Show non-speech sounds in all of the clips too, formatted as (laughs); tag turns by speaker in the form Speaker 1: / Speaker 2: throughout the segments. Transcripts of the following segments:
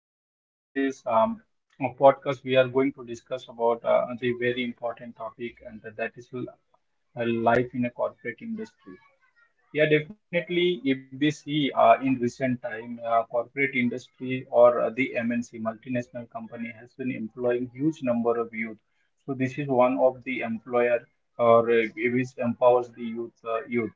Speaker 1: today in this Podcast, we are going to discuss about the very important topic, and that is life in a corporate industry. Yeah, definitely. If we see in recent time, corporate industry or the MNC multinational company has been employing huge number of youth. So this is one of the employer or which empowers the youth.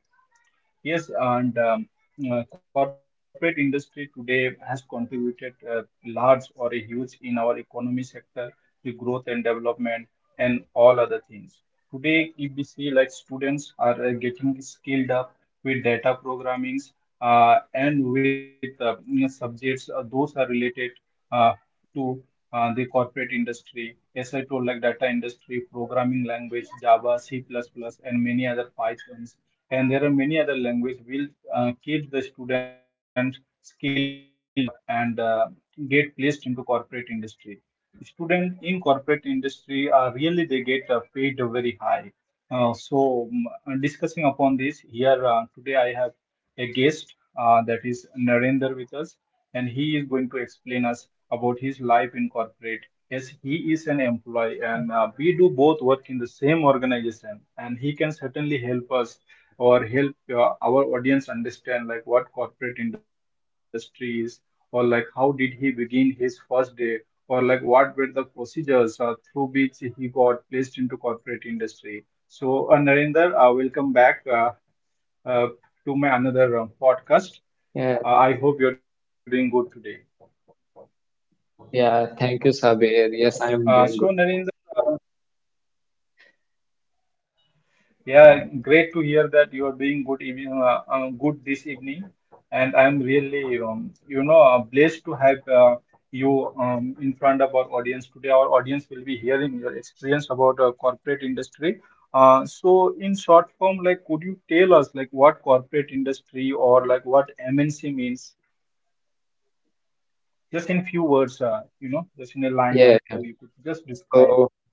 Speaker 1: Yes, and Corporate industry today has contributed large or a huge in our economy sector, the growth and development, and all other things. Today, if we see like students are getting skilled up with data programmings and with subjects, those are related. Uh, to The corporate industry. As I told, like data industry, programming language, Java, C++, and many other Pythons. And there are many other languages will keep the students skilled up and get placed into corporate industry. Students in corporate industry are really they get paid very high. Uh, so Discussing upon this here today, I have a guest, that is Narendra, with us, and he is going to explain us about his life in corporate. Yes, he is an employee, and we do both work in the same organization, and he can certainly help us or help our audience understand like what corporate industry is, or like how did he begin his first day, or like what were the procedures through which he got placed into corporate industry. So, Narendra, welcome back. Uh, to my another podcast. I hope you're doing good today.
Speaker 2: Yeah, thank you, Sabir. Yes, I
Speaker 1: Uh,
Speaker 2: am
Speaker 1: so
Speaker 2: doing good.
Speaker 1: Narendra, uh, yeah, great to hear that you are doing good evening, good this evening, and I'm really, blessed to have you in front of our audience today. Our audience will be hearing your experience about corporate industry. So in short form, like, could you tell us like what corporate industry or like what MNC means? Just in few words, just in a
Speaker 2: Yeah,
Speaker 1: line
Speaker 2: yeah.
Speaker 1: or two, you could just describe.
Speaker 2: So,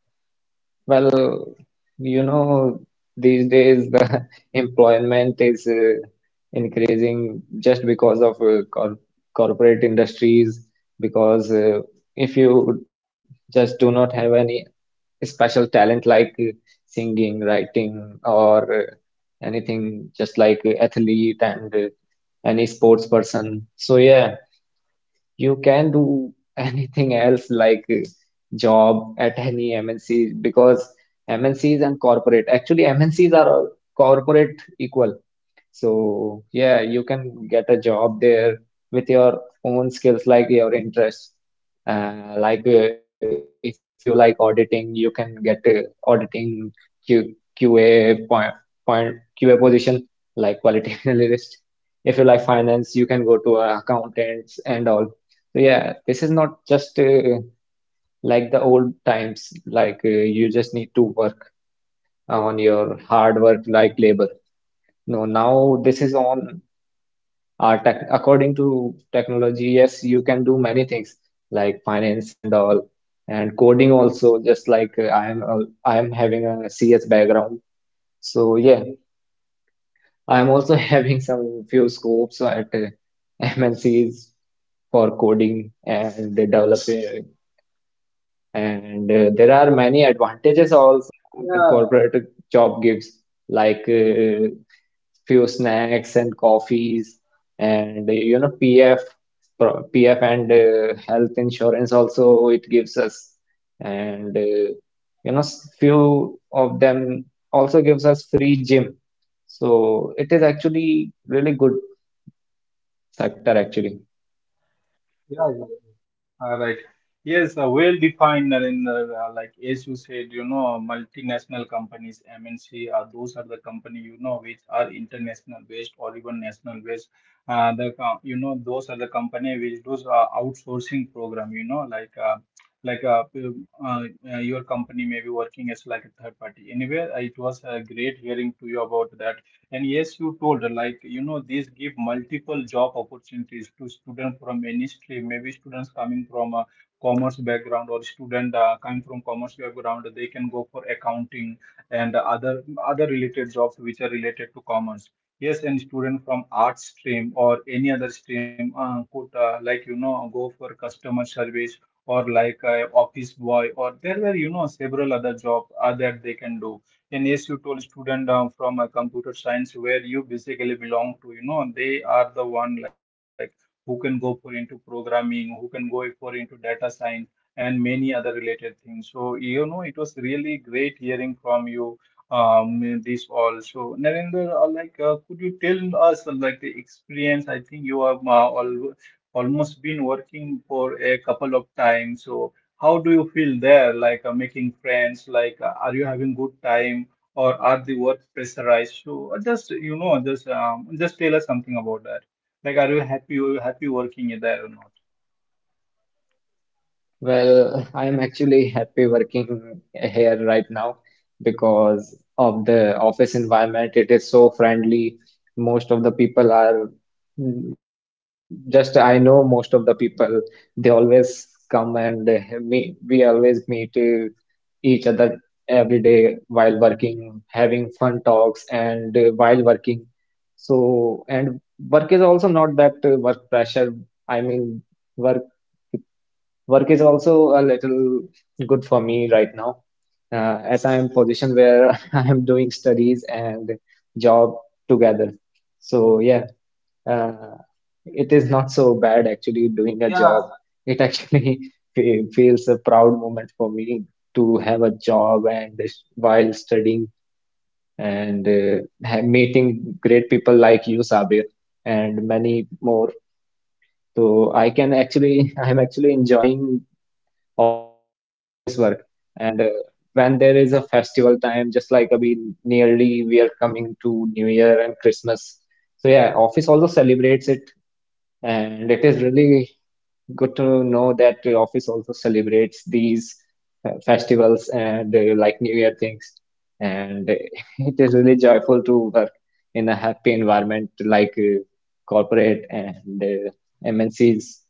Speaker 2: well, you know, these days the (laughs) employment is increasing just because of corporate industries. Because if you just do not have any special talent like singing, writing, or anything, just like athlete and any sports person. So, yeah, you can do (laughs) anything else like job at any MNC, because MNCs and corporate, actually MNCs are all corporate equal. So yeah, you can get a job there with your own skills, like your interests. Like if you like auditing, you can get auditing Q QA point point QA position, like quality (laughs) analyst. If you like finance, you can go to accountants and all. So yeah, this is not just like the old times. Like you just need to work on your hard work, like labor. No, now this is on tech, according to technology. Yes, you can do many things like finance and all, and coding also. Just like I am having a CS background, so yeah, I am also (laughs) having some few scopes at MNCs for coding and the developing, and there are many advantages
Speaker 1: Yeah,
Speaker 2: also the corporate job gives. Like few snacks and coffees, and you know, pf and health insurance also it gives us, and you know, few of them also gives us free gym. So it is actually really good factor actually.
Speaker 1: yeah. All right. Yes, well defined, Narendra. Like as you said, you know, multinational companies, MNC, those are the company you know which are international based or even national based. You know those are the company which those outsourcing program. You know, like p- uh, your company may be working as like a third party. Anyway, it was great hearing to you about that. And yes, you told, these give multiple job opportunities to students from any stream. Maybe students coming from a commerce background or student coming from commerce background, they can go for accounting and other related jobs which are related to commerce. Yes, and student from arts stream or any other stream could, go for customer service or like office boy or there were, you know, several other jobs that they can do, and yes you told student from a computer science where you basically belong to, you know, they are the one like who can go for into programming, who can go for into data science and many other related things. So you know it was really great hearing from you um this all. So Narendra, could you tell us like the experience. I think you have al almost been working for a couple of times. So how do you feel there? Like making friends, like are you having good time or are the work pressurized? So just you know, just tell us something about that. Like, are you happy? Are you happy working there or not?
Speaker 2: Well, (laughs) I am actually happy working here right now because of the office environment. It is so friendly. Most of the people are just I know most of the people. They always come and me we always meet each other every day while working, having fun talks and while working. So and work is also not that work pressure. I mean. Work Work is also a little good for me right now, as I am position where (laughs) I am doing studies and job together. So yeah, uh, it is not so bad actually doing a
Speaker 1: Yeah.
Speaker 2: job. It actually (laughs) feels a proud moment for me to have a job and this while studying, and meeting great people like you, Sabir, and many more. So I can actually, (laughs) I am actually enjoying office work, and when there is a festival time, just like abhi nearly we are coming to New Year and Christmas. So yeah, office also celebrates it, and it is really good to know that the office also celebrates these festivals and like New Year things, and (laughs) it is really joyful to work in a happy environment like corporate and MNCs.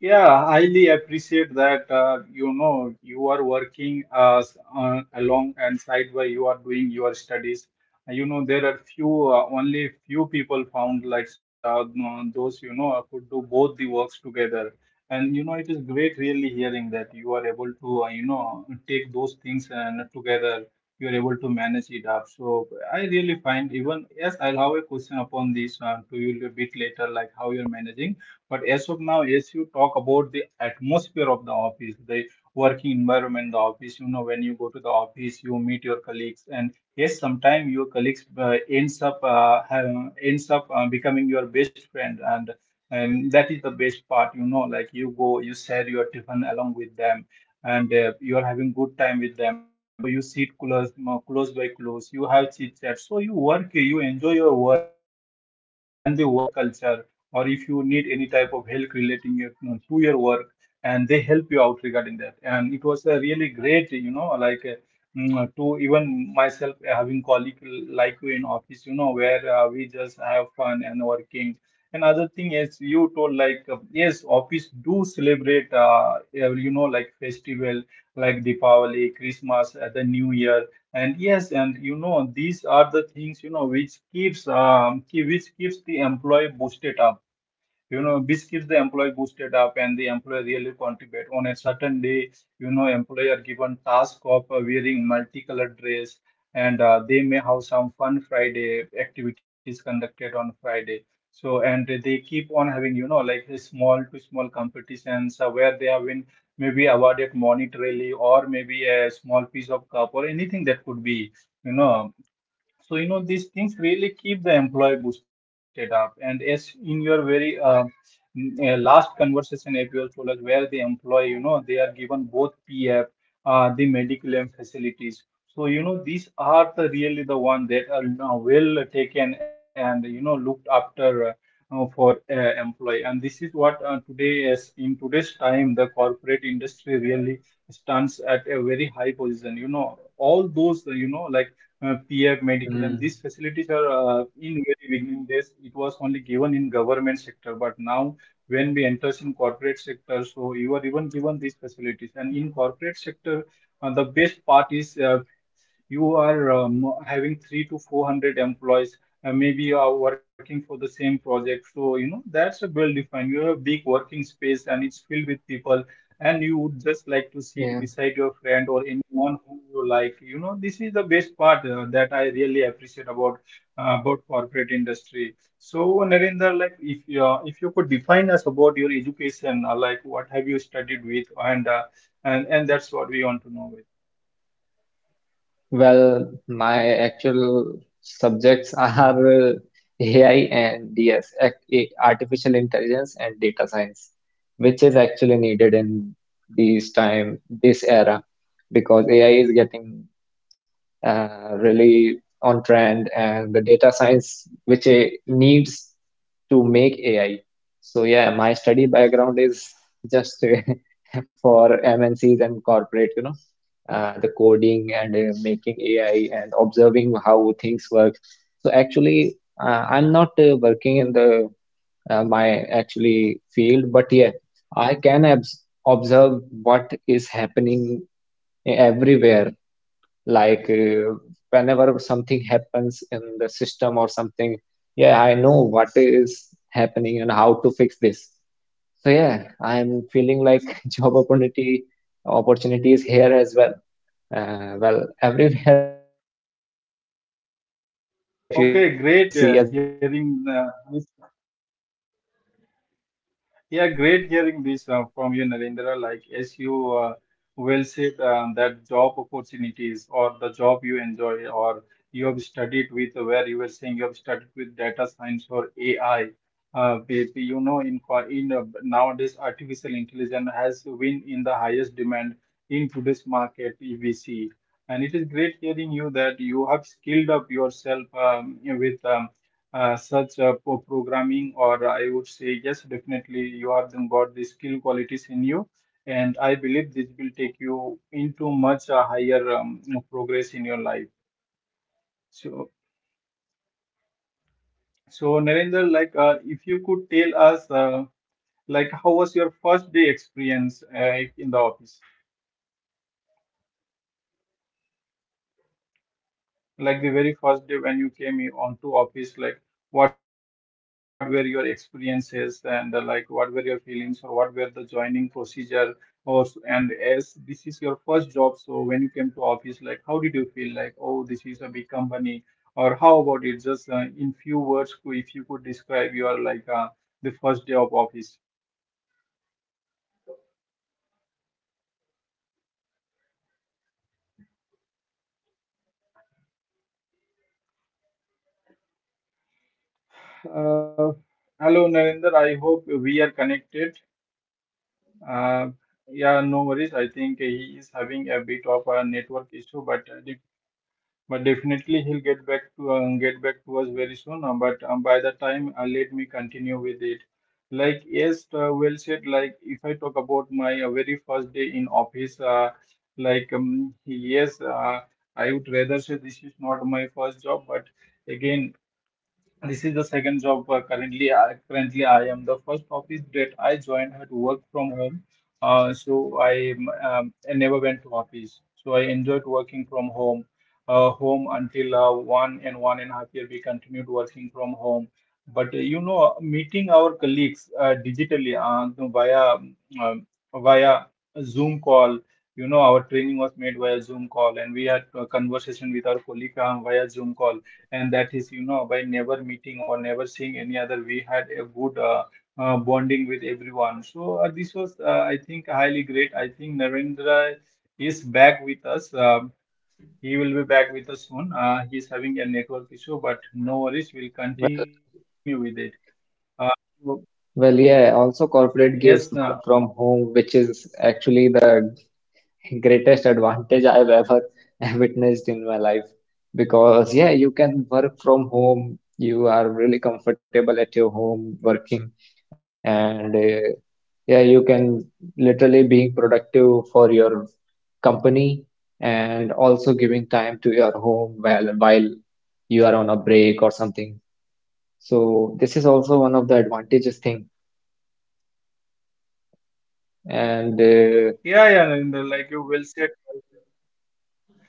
Speaker 1: Yeah, highly appreciate that. You know, you are working along, and side by you are doing your studies. You know, there are few only few people found like such no, those you know could do both the works together. And you know, it is great really hearing that you are able to take those things and together you are able to manage it up. So I really find, even yes, I'll have a question upon this to you a bit later, like how you're managing. But as of now, as you talk about the atmosphere of the office, the working environment, the office, you know, when you go to the office, you meet your colleagues, and yes, sometimes your colleagues ends up becoming your best friend, and that is the best part, you know, like you go, you share your tiffin along with them. And you are having good time with them, so you sit close, close by close. You have chit chat, so you work, you enjoy your work and the work culture, or if you need any type of help relating your, you know, to your work, and they help you out regarding that. And it was a really great, you know, to even myself having colleague like you in office, you know, where we just have fun and working. Another thing is you told yes office do celebrate like festival like Diwali, Christmas, the New Year. And yes, and you know, these are the things, you know, which keeps which keeps the employee boosted up. You know, this keeps the employee boosted up, and the employee really contribute on a certain day. You know, employee are given task of wearing multicolored dress, and they may have some fun Friday activities conducted on Friday. So and they keep on having, you know, like a small to small competitions where they have been maybe awarded monetarily, or maybe a small piece of cup or anything that could be, you know. So, you know, these things really keep the employee boosted up. And as in your very last conversation, as you told us, where the employee, you know, they are given both PF, the medical and facilities. So, you know, these are the really the one that are now well taken and, you know, looked after for employee. And this is what today is in today's time, the corporate industry really stands at a very high position. You know, all those, PF, Mediclaim.
Speaker 2: Mm,
Speaker 1: These facilities are in very beginning days. It was only given in government sector, but now when we enters in corporate sector, so you are even given these facilities. And in corporate sector, the best part is you are having three to four hundred employees. Maybe you are working for the same project, so you know that's a well defined. You have a big working space and it's filled with people, and you would just
Speaker 2: yeah.
Speaker 1: like to sit beside your friend or anyone who you like, you know. This is the best part that I really appreciate about corporate industry. So Narendra, like if you could define us about your education, like what have you studied with, and and that's what we want to know with.
Speaker 2: Well, my actual subjects are AI and DS, artificial intelligence and data science, which is actually needed in these time, this era, because AI is getting uh, really on trend, and the data science, which it needs to make AI. So yeah, my study background is just (laughs) for MNCs and corporate, you know, the coding and making AI and observing how things work. So actually, I'm not working in the my actually field, but yeah, I can abs observe what is happening everywhere. Like whenever something happens in the system or something, yeah, I know what is happening and how to fix this. So yeah, I'm feeling like (laughs) job opportunity is here as well. Well, everywhere (laughs) there is a computer needed, and if you are a
Speaker 1: okay
Speaker 2: CS
Speaker 1: great uh,
Speaker 2: background, yeah,
Speaker 1: hearing uh,
Speaker 2: you can get a job anywhere.
Speaker 1: Yeah, great hearing this from you, Narendra. Like, as you well said, that job opportunities or the job you enjoy or you have studied with, where you were saying you have studied with data science or AI. With, you know, in co- in nowadays, artificial intelligence has been in the highest demand in today's market, EVC. And it is great hearing you that you have skilled up yourself with such programming. Or I would say yes, definitely you have then got the skill qualities in you, and I believe this will take you into much higher progress in your life. So
Speaker 2: Yeah, thank you,
Speaker 1: so
Speaker 2: Sabir.
Speaker 1: Narendra, like
Speaker 2: (laughs)
Speaker 1: if
Speaker 2: Well,
Speaker 1: you could tell us like how was your first day experience in the office.
Speaker 2: well, first day was (laughs) for
Speaker 1: Like
Speaker 2: in
Speaker 1: the very
Speaker 2: training,
Speaker 1: first day
Speaker 2: so
Speaker 1: when you
Speaker 2: yeah, I
Speaker 1: came
Speaker 2: enjoyed
Speaker 1: onto
Speaker 2: actually
Speaker 1: office, like
Speaker 2: training days.
Speaker 1: what were your experiences, and like what were your feelings, or what were the joining procedure and as this is your first job, so when you came to office, like how did you feel, like oh this is a big company, or how about it, just in few words could, if you could describe your the first day of office.
Speaker 2: Well, my first day (laughs) was a training day. So yeah, I actually enjoyed training days. We have a lot of fun learning and you know, talking, making new
Speaker 1: uh,
Speaker 2: friends with
Speaker 1: Hello
Speaker 2: my
Speaker 1: Narinder, I
Speaker 2: batch.
Speaker 1: hope we are connected. Uh, yeah,
Speaker 2: Yes,
Speaker 1: no worries.
Speaker 2: yes.
Speaker 1: I think he is having a bit of a network issue, but but definitely he'll get back to us very soon. But By the time, let me continue with it. Like yes, well said. Like if I talk about my very first day in office, yes, I would rather say this is not my first job, but again. This is the second job. Currently I am the first office that I joined had work from home. I never went to office. So I enjoyed working from home, until one and a half year we continued working from home. But meeting our colleagues digitally um, via Zoom call. You know, our training was made via Zoom call, and we had a conversation with our colleague via Zoom call, and that is, by never meeting or never seeing any other, we had a good bonding with everyone. So this was, I think, highly great. I think Narendra is back with us. He will be back with us soon. He's having a network issue, but no worries, we'll continue
Speaker 2: Well,
Speaker 1: with it. uh, so,
Speaker 2: well, yeah. Also,
Speaker 1: yes,
Speaker 2: corporate gives work from home, which is actually the greatest advantage I've ever (laughs) witnessed in my life, because yeah, you can work from home, you are really comfortable at your home working, and yeah, you can literally being productive for your company and also giving time to your home while you are on a break or something. So this is also one of the advantages thing, and
Speaker 1: yeah, Narendra, like you will said,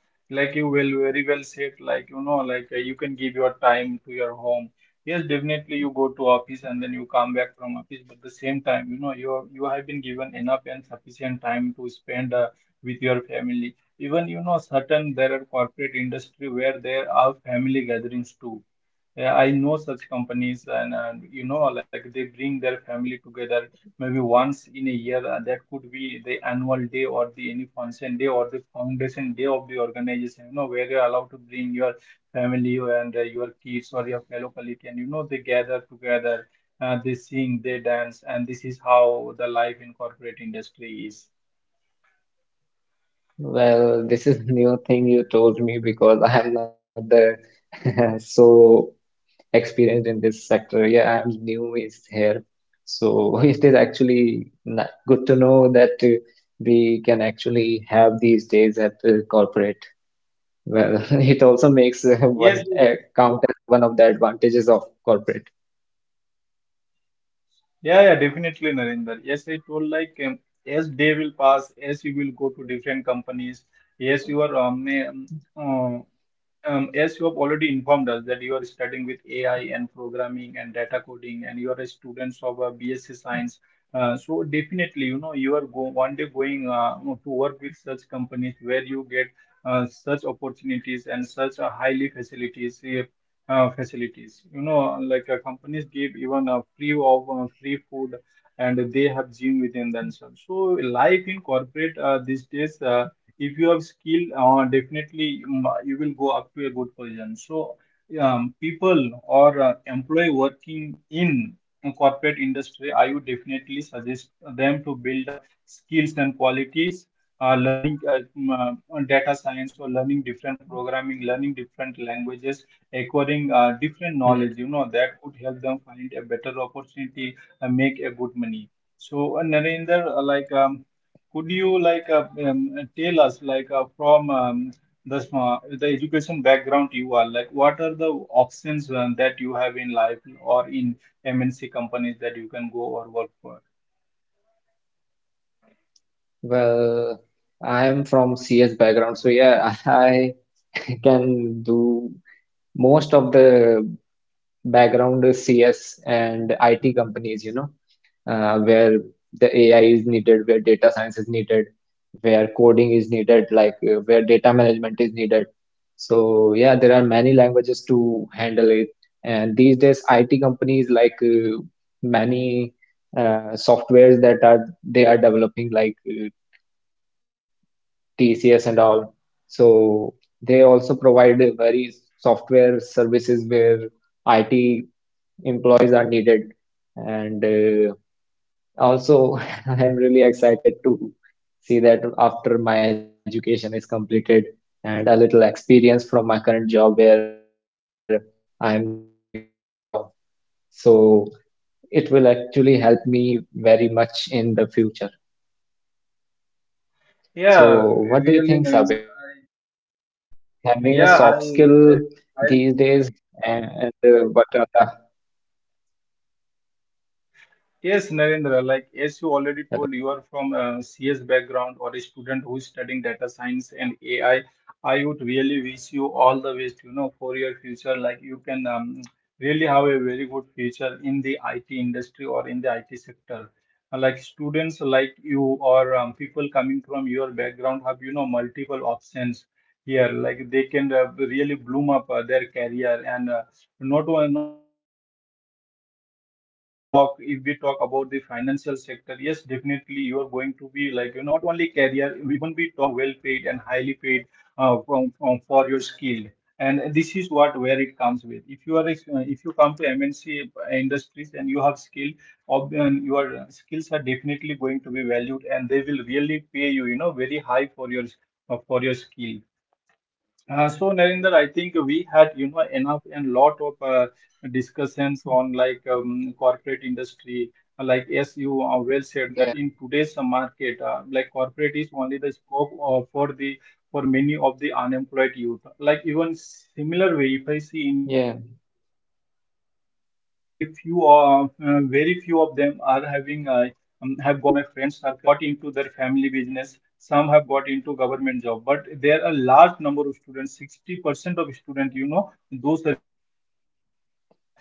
Speaker 1: like you will very well said, like you can give your time to your home. Yes, definitely, you go to office and then you come back from office, but the same time, you have been given enough and sufficient time to spend with your family. Even you know, certain there are corporate industry where there are family gatherings too. Yeah, I know such companies, and you know, like they bring their family together maybe once in a year. That could be the annual day or the any function day or the foundation day of the organization, you know, where you're allowed to bring your family and your kids or your fellow colleague, and you know, they gather together. They sing, they dance, and this is how the life in corporate industry is.
Speaker 2: Well, this is (laughs) new thing you told me, because I am not the (laughs) so experienced in this sector. Yeah, I am new is here. So (laughs) it is actually good to know that we can actually have these days at corporate. Well, (laughs) it also makes
Speaker 1: Yes.
Speaker 2: one count as one of the advantages of corporate.
Speaker 1: Yeah, definitely, Narinder, yes, I told, like as day will pass, as you will go to different companies, yes, your uh, as you have already informed us that you are studying with AI and programming and data coding, and you are a student of BSc Science. So definitely, you know, you are go one day going, to work with such companies where you get such opportunities and such highly facilities, facilities. You know, like companies give even a free food, and they have gym within themselves. So life in corporate these days. If you have skill, definitely, you will go up to a good position. So people or employee working in a corporate industry, I would definitely suggest them to build up skills and qualities, learning, on data science, or learning different programming, learning different languages, acquiring different knowledge. You
Speaker 2: Hmm.
Speaker 1: know, that would help them find a better opportunity and make a good money. So Narendra, could you, tell us, like the education background you are, like, what are the options that you have in life or in MNC companies that you can go or work for?
Speaker 2: Well, I am from CS background, so yeah, (laughs) I can do most of the background is CS and IT companies, you know, where the AI is needed, where data science is needed, where coding is needed, like where data management is needed. So yeah, there are many languages to handle it. And these days, IT companies like many softwares that are they are developing, like TCS and all. So they also provide a very software services where IT employees are needed. And also, (laughs) I'm really excited to see that after my education is completed and a little experience from my current job where I'm doing right now. So it will actually help me very much in the future.
Speaker 1: Yeah,
Speaker 2: So what do you
Speaker 1: really,
Speaker 2: think,
Speaker 1: Naveen.
Speaker 2: Sabir? Uh, having a
Speaker 1: Yeah,
Speaker 2: soft
Speaker 1: I'll,
Speaker 2: skill
Speaker 1: I
Speaker 2: these days, and, what are the
Speaker 1: Yes, Narendra, like as you already told, you are
Speaker 2: hello?
Speaker 1: from a CS background or a student who is studying data science and AI. I would really wish you all the best, you know, for your future. Like you can really have a very good future in the IT industry or in the IT sector. Like students like you or people coming from your background have, you know, multiple options here. Like they can really bloom up their career, and not only career. Even we talk, if we talk about the financial sector, yes, definitely, you are going to be, like, you know, well paid and highly paid from for your skill. And this is what where it comes with, if you if you come to MNC industries and you have skill, and your skills are definitely going to be valued, and they will really pay you, you know, very high, for your skill. So Narinder, I think we had, you know, enough and lot of discussions on, like, corporate industry. Like yes, you well said that in today's
Speaker 2: Yeah,
Speaker 1: market, like corporate is only the scope for many of the unemployed youth. Like even similar way, if I see in my
Speaker 2: yeah,
Speaker 1: friend circle, only few, very few of them are having, have got into their family business. Some have got into government job, but there are large number of students, 60% of students, you know, those are still unemployed, and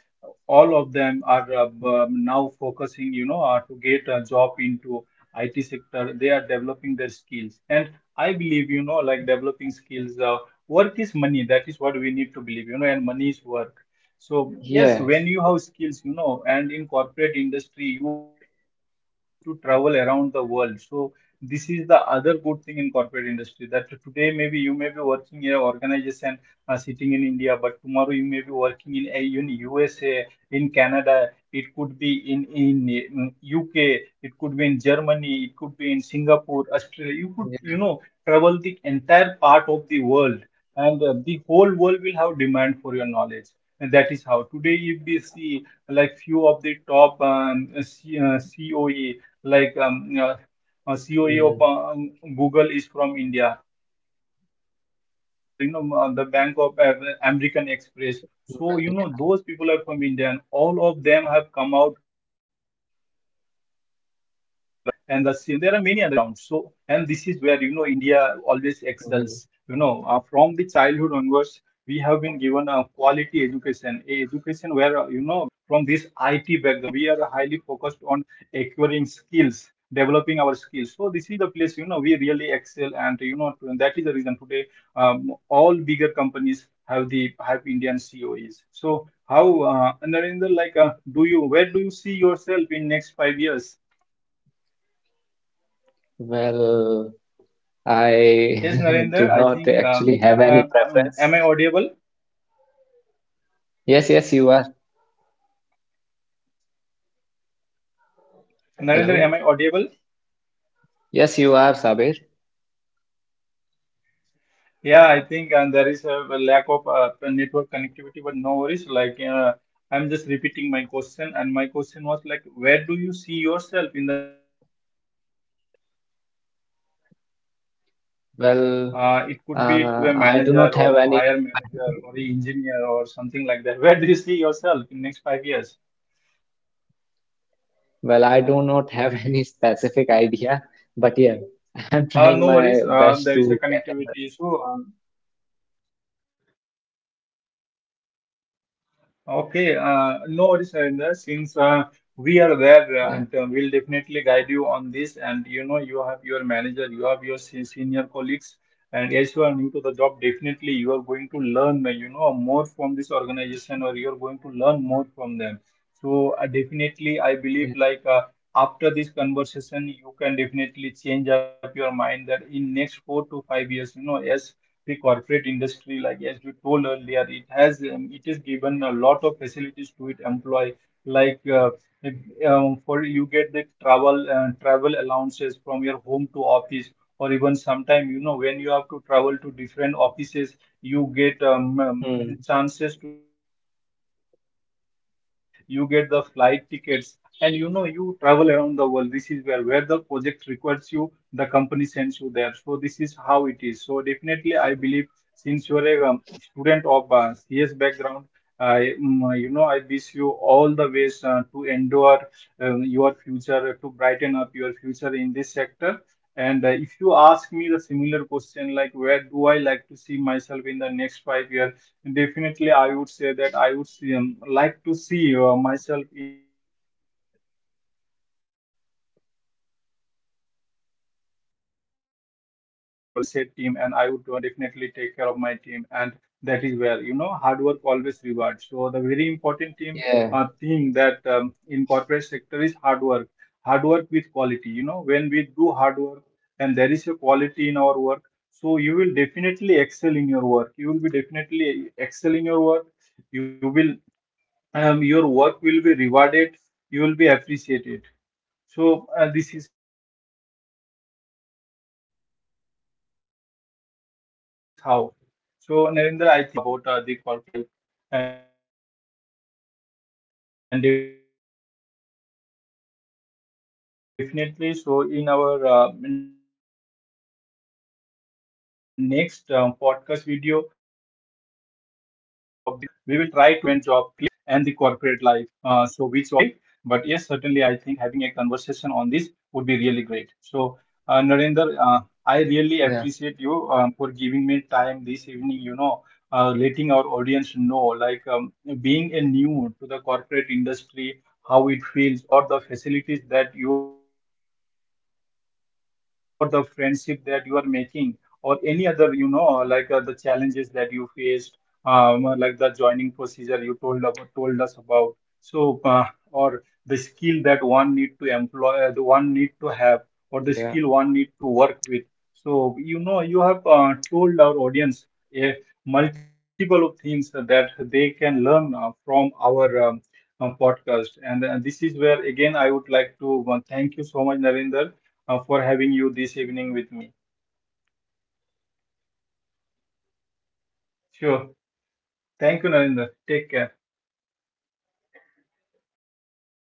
Speaker 1: all of them are, now focusing, you know, to get a job into IT sector. They are developing their skills, and I believe, you know, like, developing skills, work is money, that is what we need to believe, you know, and money is work. So yes, when you
Speaker 2: yes,
Speaker 1: have skills, you know, and in corporate industry, you have multiple options to travel around the world. So this is the other good thing in corporate industry, that today maybe you may be working in an organization sitting in India, but tomorrow you may be working in a, in USA, in Canada, it could be in UK, it could be in Germany, it could be in Singapore, Australia. You could, you know,
Speaker 2: yeah.
Speaker 1: travel the entire part of the world, and the whole world will have demand for your knowledge. And that is how today, if we see, like few of the top, coe, like you CEO of
Speaker 2: Mm.
Speaker 1: Google is from India, and there are many other, you know, the Bank of American Express. So you know,
Speaker 2: Well,
Speaker 1: those
Speaker 2: yeah.
Speaker 1: people are from India, and all of them have come out from this IT background. So, and this is where, you know, India always excels. You know, from the childhood
Speaker 2: Well,
Speaker 1: onwards, we have been given a quality education, a education where, you know, we are highly focused on acquiring skills, developing our skills. So this is the place, you know, we really excel, and you know, and that is the reason today, all bigger companies have the have Indian coes. So how, Narendra, do you, where do you see yourself in next five years?
Speaker 2: well, I
Speaker 1: Yes,
Speaker 2: (laughs)
Speaker 1: Narendra,
Speaker 2: do
Speaker 1: I
Speaker 2: not
Speaker 1: think,
Speaker 2: actually have any preference.
Speaker 1: am I audible?
Speaker 2: Yes, yes, you are.
Speaker 1: Narendra, am I
Speaker 2: Hello.
Speaker 1: audible?
Speaker 2: Yes, you are, Sabir.
Speaker 1: Yeah, I think, and there is a lack of network connectivity, but no worries. Like, I'm just repeating my question, and my question was, like, where do you see yourself in the next 5 years?
Speaker 2: Well,
Speaker 1: It could be to a
Speaker 2: I do
Speaker 1: manager
Speaker 2: not
Speaker 1: or
Speaker 2: have
Speaker 1: to hire
Speaker 2: any
Speaker 1: manager or
Speaker 2: specific.
Speaker 1: an engineer or something like that. (laughs) Where do you see yourself in next 5 years?
Speaker 2: Well, I do not have (laughs) any specific idea. But yeah, (laughs) I'm trying
Speaker 1: No
Speaker 2: my
Speaker 1: worries.
Speaker 2: best
Speaker 1: There is a
Speaker 2: to get a.
Speaker 1: connectivity issue. Okay, no worries, Harinder. Since we are there,
Speaker 2: Yeah,
Speaker 1: and we'll definitely guide you on this. And you know, you have your manager, you have your senior colleagues, and as you are new to the job, definitely you are going to learn, more from this organization, or you are going to learn more from them. So definitely, I believe,
Speaker 2: yeah.
Speaker 1: after this conversation, you can definitely change up your mind, that in next 4 to 5 years, you know, as the corporate industry, like as we told earlier, it has, it is given a lot of facilities to its employee, like uh, for you get the travel allowances from your home to office, or even sometime, you know, when you have to travel to different offices,
Speaker 2: Hmm.
Speaker 1: you get, chances to stay in five-star hotel, you get the flight tickets, and you know, you travel around the world. This is where the project requires you, the company sends you there. So this is how it is. So definitely, I believe, since you are a student of CS background. I, you know, I wish you all the ways to endure your future, to brighten up your future in this sector. And if you ask me the similar question, like where do I like to see myself in the next 5 years? Definitely, I would say that I would see, like to see myself in a management level. You know, I would like to see that I'm managing a team, a well-set team, and I would definitely take care of my team. And that is where, you know, hard work always rewards. So the very important team
Speaker 2: Yeah,
Speaker 1: thing that, in corporate sector is hard work. Hard work with quality. You know, when we do hard work, and there is a quality in our work, so you will definitely excel in your work. You will be definitely excel in your work. You will, your work will be rewarded. You will be appreciated. So this is how. So Narendra, I think we had lot of conversation on this topic about the corporate life, and definitely. So in our next podcast video, we will try to compare the government job and the corporate life. So which of them could be the best? I, yeah, both are, best in their own places, definitely. But yes, certainly, I think having a conversation on this would be really great. So, Narendra, I really appreciate you,
Speaker 2: yeah,
Speaker 1: for giving me time this evening, you know, letting our audience know, like, being a new to the corporate industry, how it feels, or the facilities that you are receiving, or the friendship that you are making, or any other, you know, the challenges that you faced, like the joining procedure told us about. So, or the skill that one need to employ, the one need to have, or the
Speaker 2: yeah.
Speaker 1: skill one need to work with. So you know, you have told our audience a multiple of things that they can learn from our, podcast. And this is where again I would like to thank you so much, Narinder, for having you this evening with me. Sure.
Speaker 2: You're welcome, Sabir.
Speaker 1: Thank you,
Speaker 2: Yes,
Speaker 1: Narinder,
Speaker 2: I'm
Speaker 1: take care.
Speaker 2: also (laughs) pleasure to hear. Yes, thank you.